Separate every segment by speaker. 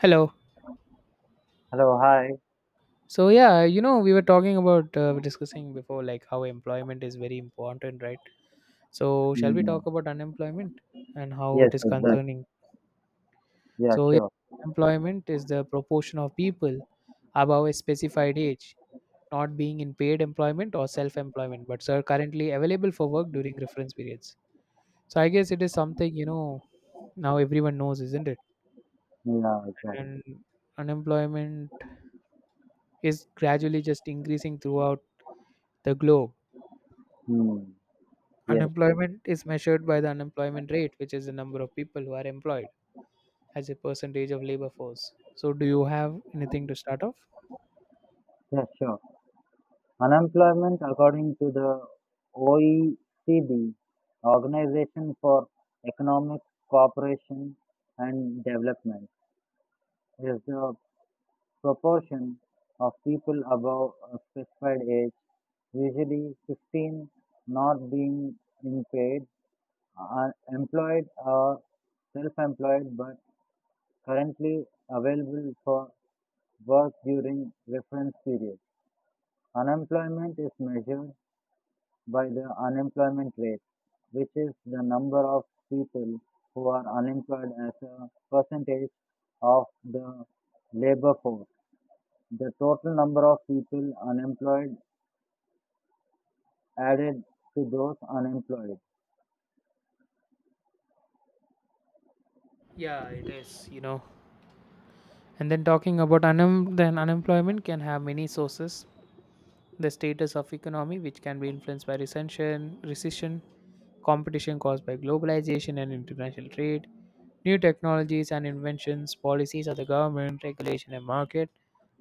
Speaker 1: Hello.
Speaker 2: Hello, hi.
Speaker 1: So yeah, we were talking about discussing before like how employment is very important, right? So shall we
Speaker 2: Mm.
Speaker 1: talk about unemployment and how
Speaker 2: Yes,
Speaker 1: it is
Speaker 2: exactly.
Speaker 1: concerning?
Speaker 2: Yeah,
Speaker 1: So yeah,
Speaker 2: sure.
Speaker 1: employment is the proportion of people above a specified age not being in paid employment or self-employment, but are currently available for work during reference periods. So I guess it is something now everyone knows, isn't it?
Speaker 2: Yeah, exactly.
Speaker 1: And unemployment is gradually just increasing throughout the globe.
Speaker 2: Mm. Yes,
Speaker 1: Unemployment is measured by the unemployment rate, which is the number of people who are employed as a percentage of labor force. So, do you have anything to start off?
Speaker 2: yeah, sure. Unemployment, according to the OECD, Organization for Economic Cooperation and Development, is the proportion of people above a specified age, usually 15, not being in paid, employed or self-employed, but currently available for work during reference period. Unemployment is measured by the unemployment rate, which is the number of people who are unemployed as a percentage of the labor force. The total number of people unemployed added to those unemployed.
Speaker 1: Yeah, it is, you know. And then talking about then unemployment can have many sources. The status of economy, which can be influenced by recession, competition caused by globalization and international trade, new technologies and inventions, policies of the government, regulation and market,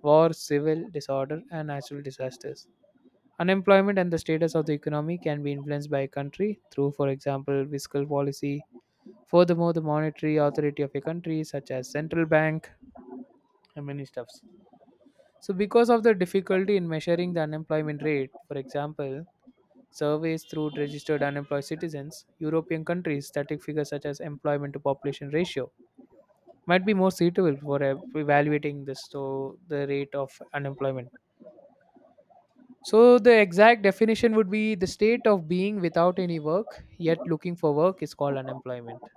Speaker 1: war, civil disorder, and natural disasters. Unemployment and the status of the economy can be influenced by a country through, for example, fiscal policy. Furthermore, the monetary authority of a country, such as central bank and many stuffs. So, because of the difficulty in measuring the unemployment rate, for example, surveys through registered unemployed citizens, European countries' static figures such as employment to population ratio might be more suitable for evaluating this, so the rate of unemployment. So the exact definition would be the state of being without any work, yet looking for work is called unemployment.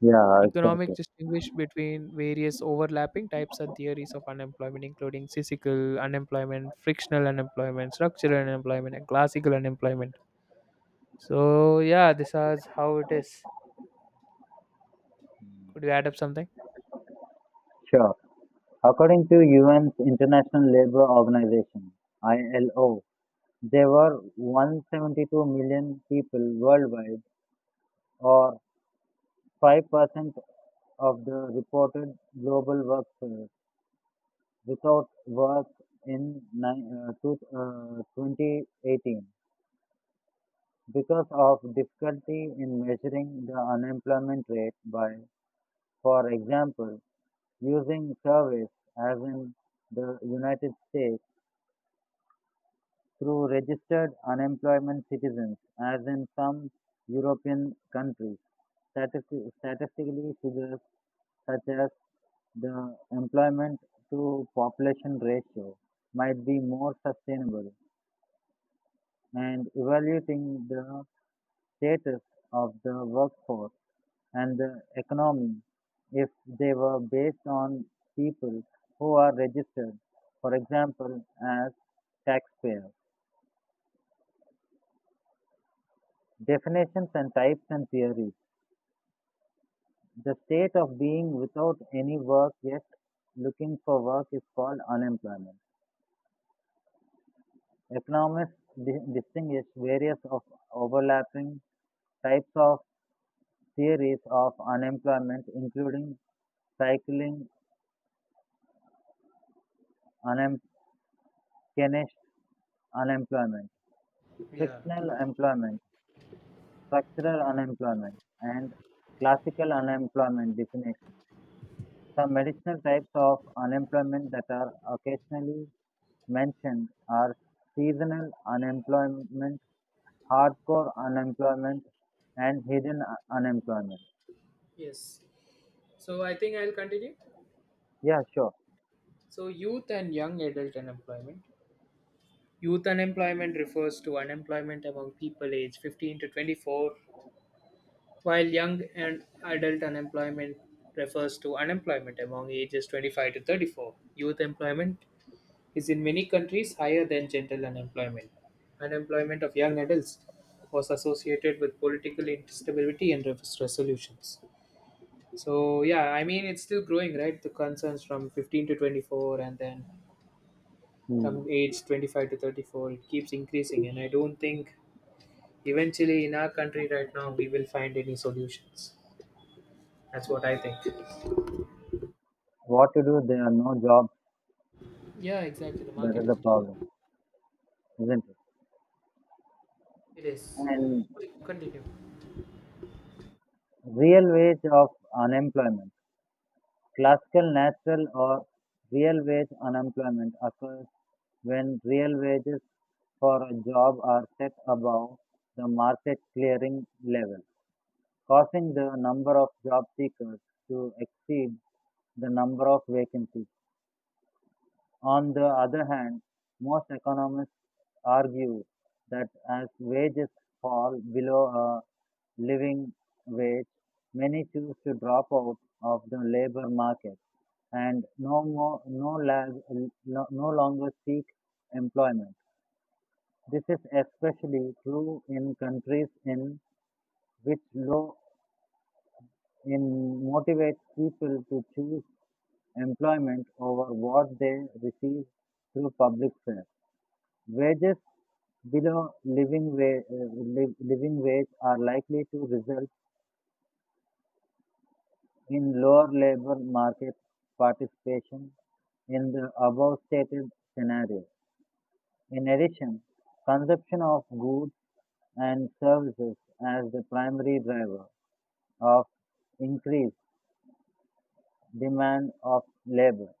Speaker 2: Yeah,
Speaker 1: Economic
Speaker 2: exactly.
Speaker 1: distinguish between various overlapping types and theories of unemployment, including cyclical unemployment, frictional unemployment, structural unemployment, and classical unemployment. So yeah, this is how it is. Could you add up something?
Speaker 2: Sure. According to UN's International Labour Organization, ILO, there were 172 million people worldwide, or 5% of the reported global workforce, without work in 2018 because of difficulty in measuring the unemployment rate by, for example, using surveys as in the United States through registered unemployment citizens, as in some European countries. Statistically, figures such as the employment to population ratio might be more sustainable, and evaluating the status of the workforce and the economy if they were based on people who are registered, for example, as taxpayers. Definitions and types and theories. The state of being without any work yet looking for work is called unemployment. Economists distinguish various of overlapping types of theories of unemployment, including cycling, unem- Keynesian unemployment,
Speaker 1: Yeah.
Speaker 2: frictional employment, structural unemployment, and classical unemployment definition. Some additional types of unemployment that are occasionally mentioned are seasonal unemployment, hardcore unemployment, and hidden unemployment.
Speaker 1: Yes. So I think I'll continue.
Speaker 2: Yeah, sure.
Speaker 1: So youth and young adult unemployment. Youth unemployment refers to unemployment among people aged 15 to 24, while young and adult unemployment refers to unemployment among ages 25 to 34. Youth employment is in many countries higher than general unemployment. Unemployment of young adults was associated with political instability and resolutions. So, yeah, I mean, it's still growing, right? The concerns from 15 to 24 and then from
Speaker 2: Hmm.
Speaker 1: age 25 to 34, it keeps increasing. And I don't think eventually in our country right now we will find any solutions. That's what I think.
Speaker 2: What to do? There are no jobs.
Speaker 1: Yeah, exactly. The
Speaker 2: That
Speaker 1: market
Speaker 2: is
Speaker 1: is
Speaker 2: the
Speaker 1: down.
Speaker 2: problem, isn't it?
Speaker 1: It is.
Speaker 2: And
Speaker 1: Continue.
Speaker 2: real wage of unemployment. Classical natural or real wage unemployment occurs when real wages for a job are set above the market clearing level, causing the number of job seekers to exceed the number of vacancies. On the other hand, most economists argue that as wages fall below a living wage, many choose to drop out of the labor market and no more, no, lag, no no longer seek employment. This is especially true in countries in which law in motivates people to choose employment over what they receive through public service. Wages below living wage are likely to result in lower labor market participation in the above stated scenario. In addition, consumption of goods and services as the primary driver of increased demand of labor.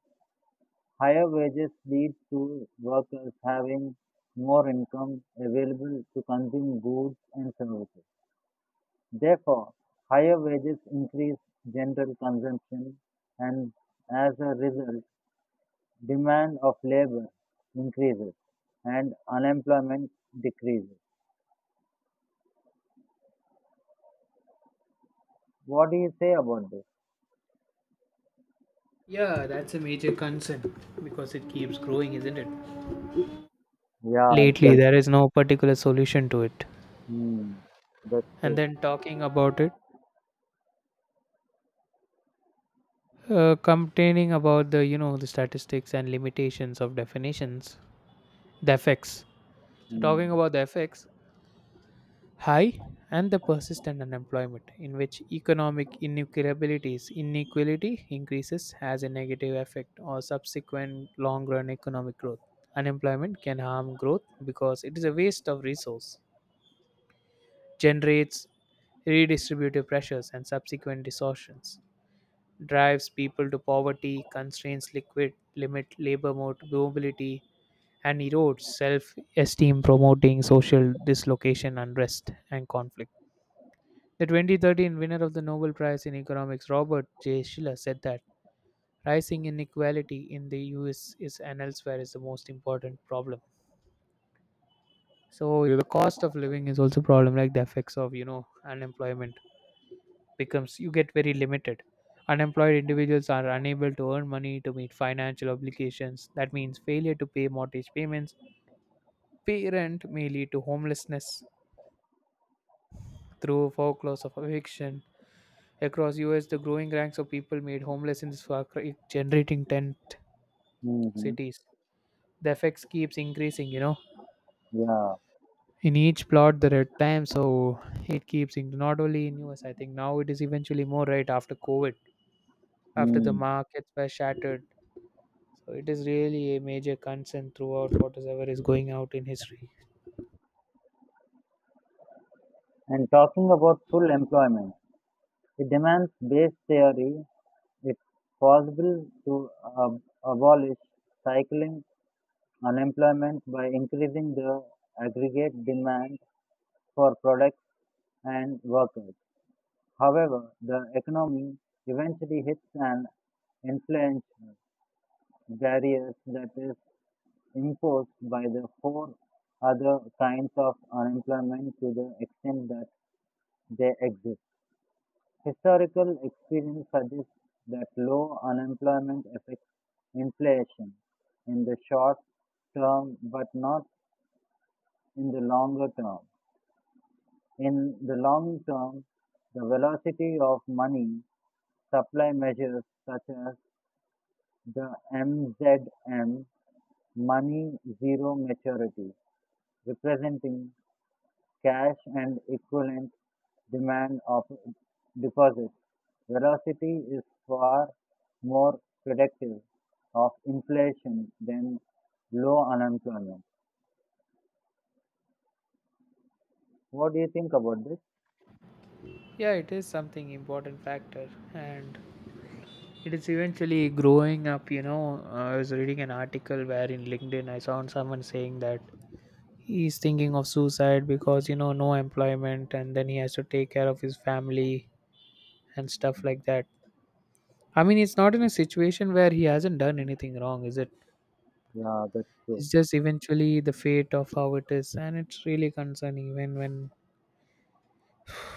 Speaker 2: Higher wages lead to workers having more income available to consume goods and services. Therefore, higher wages increase general consumption and, as a result, demand of labor increases and unemployment decreases. What do you say about this?
Speaker 1: Yeah, that's a major concern because it keeps growing, isn't it?
Speaker 2: Yeah,
Speaker 1: Lately there
Speaker 2: exactly.
Speaker 1: is no particular solution to it.
Speaker 2: Hmm. That's
Speaker 1: And
Speaker 2: true.
Speaker 1: then talking about it, complaining about the, the statistics and limitations of definitions, the effects. So
Speaker 2: Hmm.
Speaker 1: talking about the effects, high and the persistent unemployment in which economic inequalities inequality increases has a negative effect on subsequent long-run economic growth. Unemployment can harm growth because it is a waste of resource, generates redistributive pressures and subsequent distortions, drives people to poverty, constrains liquid, limit labor mobility, and erodes self-esteem, promoting social dislocation, unrest and conflict. The 2013 winner of the Nobel Prize in Economics, Robert J. Schiller, said that rising inequality in the US is and elsewhere is the most important problem. So the cost of living is also problem, like the effects of, unemployment becomes, you get very limited. Unemployed individuals are unable to earn money to meet financial obligations. That means failure to pay mortgage payments. Pay rent may lead to homelessness through foreclosure of eviction. Across US, the growing ranks of people made homeless in this far cry, generating tent
Speaker 2: Mm-hmm.
Speaker 1: cities. The effects keeps increasing, you know.
Speaker 2: Yeah.
Speaker 1: In each plot there are times, so it keeps in not only in U.S. I think now it is eventually more right after COVID, after the
Speaker 2: Hmm.
Speaker 1: markets were shattered. So it is really a major concern throughout whatever is going out in history.
Speaker 2: And talking about full employment, it demands base theory. It's possible to abolish cycling unemployment by increasing the aggregate demand for products and workers. However, the economy eventually hits an influential barriers that is imposed by the four other kinds of unemployment to the extent that they exist. Historical experience suggests that low unemployment affects inflation in the short term but not in the longer term. In the long term, the velocity of money supply measures such as the MZM money zero maturity, representing cash and equivalent demand of deposits. Velocity is far more predictive of inflation than low unemployment. What do you think about this?
Speaker 1: Yeah, it is something important factor, and it is eventually growing up, you know. I was reading an article where in LinkedIn I saw someone saying that he's thinking of suicide because, no employment and then he has to take care of his family and stuff like that. I mean, it's not in a situation where he hasn't done anything wrong, is it?
Speaker 2: Yeah, that's true.
Speaker 1: It's just eventually the fate of how it is, and it's really concerning when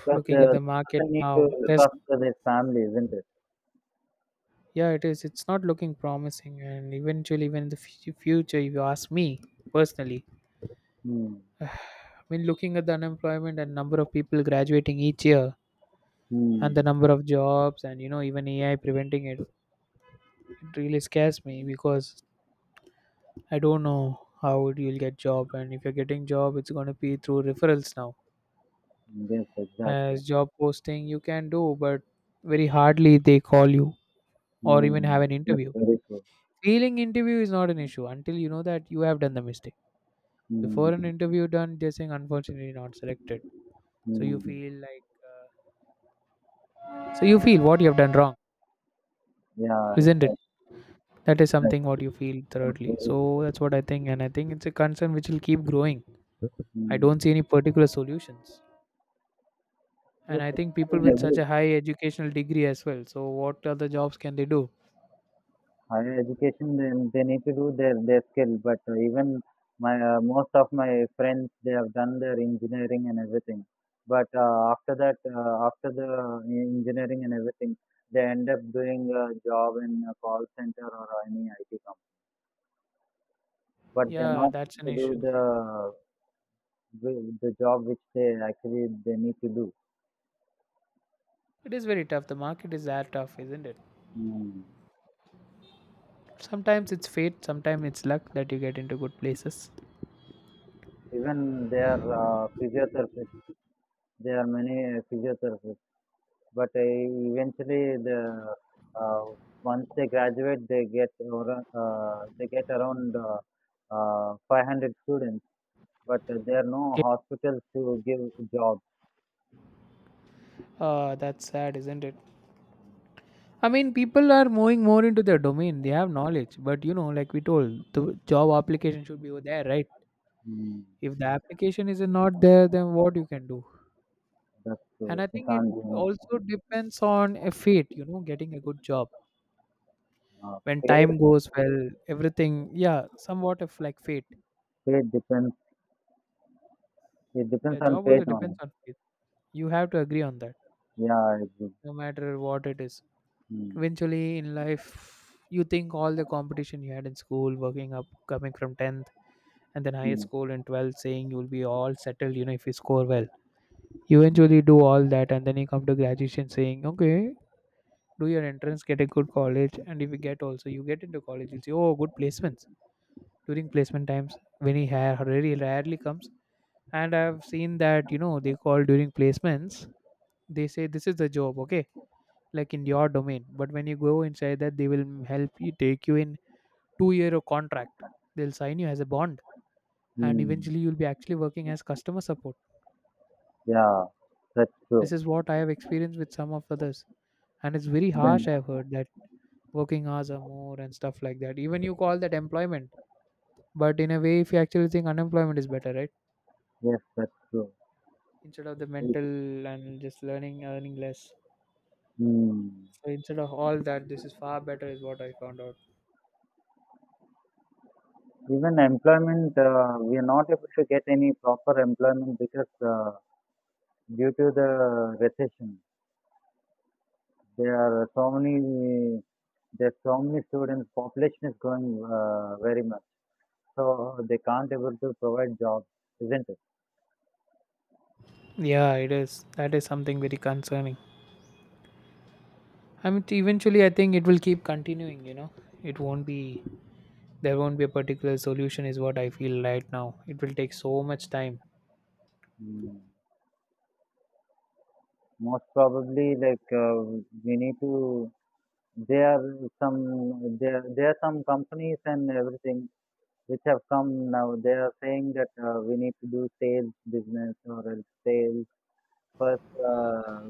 Speaker 2: Because
Speaker 1: looking at
Speaker 2: the
Speaker 1: the market
Speaker 2: person need to
Speaker 1: now
Speaker 2: look
Speaker 1: there's,
Speaker 2: after their family, isn't it?
Speaker 1: yeah, it is, it's not looking promising. And eventually when in the future, if you ask me personally,
Speaker 2: Hmm.
Speaker 1: I mean, looking at the unemployment and number of people graduating each year
Speaker 2: Hmm.
Speaker 1: and the number of jobs and, you know, even AI preventing it, it really scares me because I don't know how you'll get job, and if you're getting job, it's going to be through referrals now,
Speaker 2: Yes, exactly.
Speaker 1: as job posting you can do but very hardly they call you or even
Speaker 2: Hmm.
Speaker 1: have an
Speaker 2: That's
Speaker 1: interview.
Speaker 2: very true.
Speaker 1: Failing interview is not an issue until you know that you have done the mistake before an
Speaker 2: Mm.
Speaker 1: interview done. They're saying unfortunately not selected. So you
Speaker 2: Mm.
Speaker 1: feel like, uh, so you feel what you have done wrong,
Speaker 2: Yeah,
Speaker 1: isn't it?
Speaker 2: exactly.
Speaker 1: That is something
Speaker 2: exactly.
Speaker 1: what you feel
Speaker 2: That's
Speaker 1: thirdly.
Speaker 2: very.
Speaker 1: So that's what I think, and I think it's a concern which will keep growing. I don't
Speaker 2: Mm.
Speaker 1: see any particular solutions, and
Speaker 2: Yes,
Speaker 1: I think
Speaker 2: I
Speaker 1: people
Speaker 2: can
Speaker 1: with such
Speaker 2: agree.
Speaker 1: a high educational degree as well, so what other jobs can they do?
Speaker 2: Higher education then they need to do their skill, but even my most of my friends they have done their engineering and everything, but after that, after the engineering and everything, they end up doing a job in a call center or any IT company, but they're
Speaker 1: Yeah,
Speaker 2: not
Speaker 1: that's an
Speaker 2: to do
Speaker 1: issue.
Speaker 2: the job which they actually they need to do.
Speaker 1: It is very tough. The market is that tough, isn't it?
Speaker 2: Mm.
Speaker 1: Sometimes it's fate, sometimes it's luck that you get into good places.
Speaker 2: Even they are physiotherapists, there are many physiotherapists. But eventually, the uh, once they graduate, they get around 500 students. But there are no
Speaker 1: Okay.
Speaker 2: hospitals to give jobs.
Speaker 1: Uh, that's sad, isn't it? I mean, people are moving more into their domain, they have knowledge, but, you know, like we told, the job application should be over there, right?
Speaker 2: Mm,
Speaker 1: If the application is not there, then what you can do?
Speaker 2: that's
Speaker 1: And I
Speaker 2: true. You
Speaker 1: think it
Speaker 2: can't do
Speaker 1: also
Speaker 2: it.
Speaker 1: depends on a fate, you know, getting a good job.
Speaker 2: Uh,
Speaker 1: When
Speaker 2: pay
Speaker 1: time goes well, everything, yeah, somewhat of like fate.
Speaker 2: Pay depends. It
Speaker 1: Yeah,
Speaker 2: depends on
Speaker 1: job
Speaker 2: paid
Speaker 1: also depends
Speaker 2: only.
Speaker 1: on fate. You have to agree on that,
Speaker 2: Yeah, I agree.
Speaker 1: no matter what it is.
Speaker 2: Mm,
Speaker 1: Eventually in life, you think all the competition you had in school working up, coming from 10th and then higher
Speaker 2: mm,
Speaker 1: school in 12th, saying you'll be all settled, you know, if you score well. You eventually do all that, and then you come to graduation saying okay, do your entrance, get a good college, and if you get also, you get into college, you'll see oh, good placements. During placement times, when he rarely comes, and I've seen that, you know, they call during placements, they say this is the job, okay, like in your domain, but when you go inside that, they will help you, take you in, 2 year of contract. They'll sign you as a bond, and
Speaker 2: mm.
Speaker 1: eventually you'll be actually working as customer support.
Speaker 2: Yeah, that's
Speaker 1: This
Speaker 2: true.
Speaker 1: is what I have experienced with some of others, and it's very harsh,
Speaker 2: Then
Speaker 1: I've heard that. Working hours are more and stuff like that. Even you call that employment, but in a way, if you actually think, unemployment is better, right?
Speaker 2: yes, that's true.
Speaker 1: Instead of the mental and just learning, earning less.
Speaker 2: Mm.
Speaker 1: So instead of all that, this is far better, is what I found out.
Speaker 2: Even employment, we are not able to get any proper employment because due to the recession, there are so many, there's so many students. Population is growing very much, so they can't able to provide jobs, isn't it?
Speaker 1: Yeah, it is. That is something very concerning. I mean, eventually, I think it will keep continuing. You know, it won't be. There won't be a particular solution, is what I feel right now. It will take so much time.
Speaker 2: Mm. Most probably, like we need to. There are some companies and everything which have come now. They are saying that we need to do sales business or else sales. First, uh,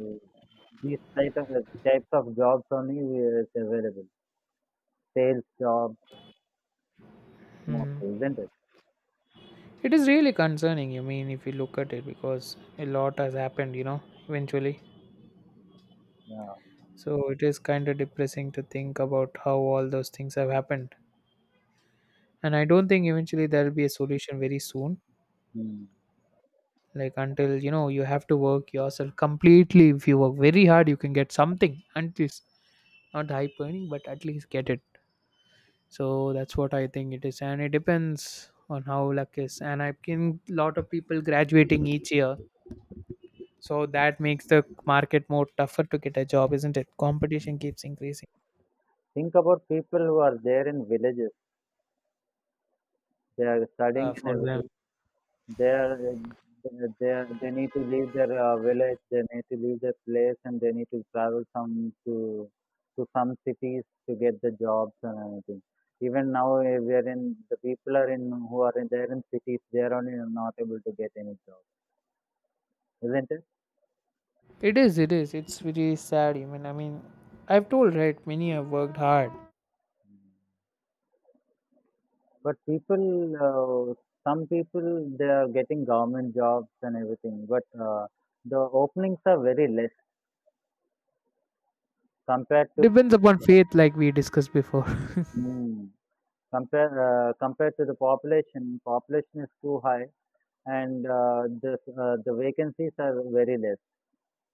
Speaker 2: these type of types of jobs only is available. Sales jobs,
Speaker 1: Hmm.
Speaker 2: mostly, isn't it?
Speaker 1: It is really concerning. I mean, if you look at it, because a lot has happened. You know, eventually.
Speaker 2: Yeah.
Speaker 1: So it is kind of depressing to think about how all those things have happened. And I don't think eventually there will be a solution very soon,
Speaker 2: Hmm.
Speaker 1: like until, you know, you have to work yourself completely. If you work very hard, you can get something at least, not high earning, but at least get it. So that's what I think it is, and it depends on how luck is. And I have seen lot of people graduating each year, so that makes the market more tougher to get a job, isn't it? Competition keeps increasing.
Speaker 2: Think about people who are there in villages. They are studying in a
Speaker 1: For them,
Speaker 2: village. They are they need to leave their village. They need to leave their place, and they need to travel some to some cities to get the jobs and everything. Even now, eh, we are in the people are in there in cities. They are only not able to get any job, isn't it?
Speaker 1: it is, it is, it's really sad. I mean, I've told right, many have worked hard.
Speaker 2: But people, some people, they are getting government jobs and everything, but the openings are very less compared to
Speaker 1: Depends upon faith, like we discussed before.
Speaker 2: mm, compared to the population. Population is too high, and the vacancies are very less.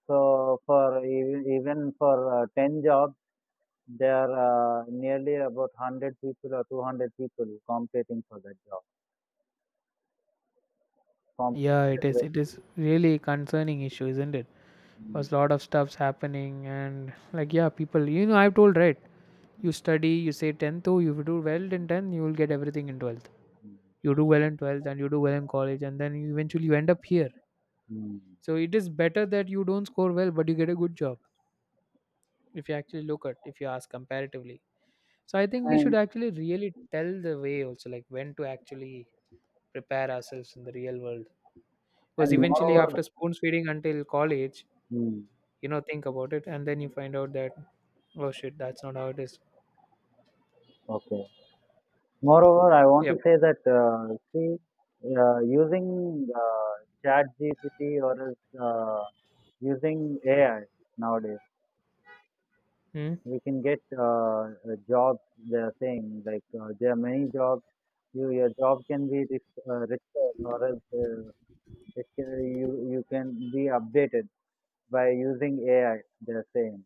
Speaker 2: So for even, even for ten jobs, there are nearly about 100 people or 200 people competing for that job.
Speaker 1: Yeah, it
Speaker 2: Competing.
Speaker 1: is. It
Speaker 2: Is
Speaker 1: is really concerning issue, isn't it?
Speaker 2: mm,
Speaker 1: Because lot of stuff's happening, and like, yeah, people. You know, I've told right. You
Speaker 2: mm,
Speaker 1: study, you say 10th, oh, you do well in 10th, you will get everything in twelfth.
Speaker 2: mm,
Speaker 1: You do well in twelfth, and you do well in college, and then you eventually you end up here.
Speaker 2: mm.
Speaker 1: So it is better that you don't score well, but you get a good job. If you actually look at, if you ask comparatively, so I think we should
Speaker 2: And
Speaker 1: actually really tell the way also, like when to actually prepare ourselves in the real world. Because eventually,
Speaker 2: Moreover,
Speaker 1: after spoon feeding until college,
Speaker 2: mm,
Speaker 1: you know, think about it, and then you find out that oh shit, that's not how it is.
Speaker 2: okay. Moreover, I want to
Speaker 1: Yep.
Speaker 2: say that see, using Chat GPT or is using AI nowadays,
Speaker 1: Hmm.
Speaker 2: we can get jobs. They are saying like there are many jobs. You, your job can be restored or else it can, you can be updated by using AI. They are saying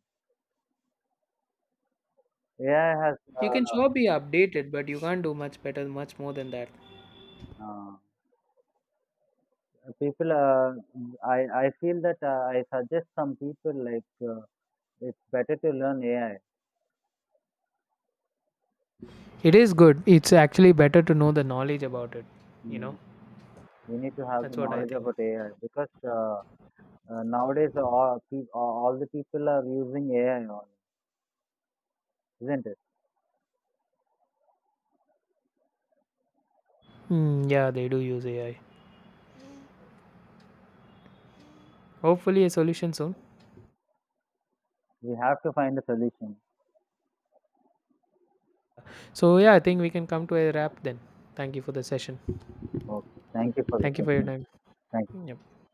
Speaker 2: AI has.
Speaker 1: You can sure be updated, but you can't do much better, much more than that.
Speaker 2: Uh, People, I I feel that I suggest some people like it's better to learn AI.
Speaker 1: It is good. It's actually better to know the knowledge about it, you know.
Speaker 2: Mm. We need to have
Speaker 1: That's
Speaker 2: the
Speaker 1: what I
Speaker 2: knowledge
Speaker 1: think.
Speaker 2: about AI because nowadays all the people are using AI, on, isn't it?
Speaker 1: Hmm. Yeah, they do use AI. Hopefully a solution soon.
Speaker 2: We have to find a solution.
Speaker 1: So yeah, I think we can come to a wrap then. Thank you for the session.
Speaker 2: Okay. Thank you for the
Speaker 1: Thank you for your
Speaker 2: question.
Speaker 1: time.
Speaker 2: Thank
Speaker 1: Yep.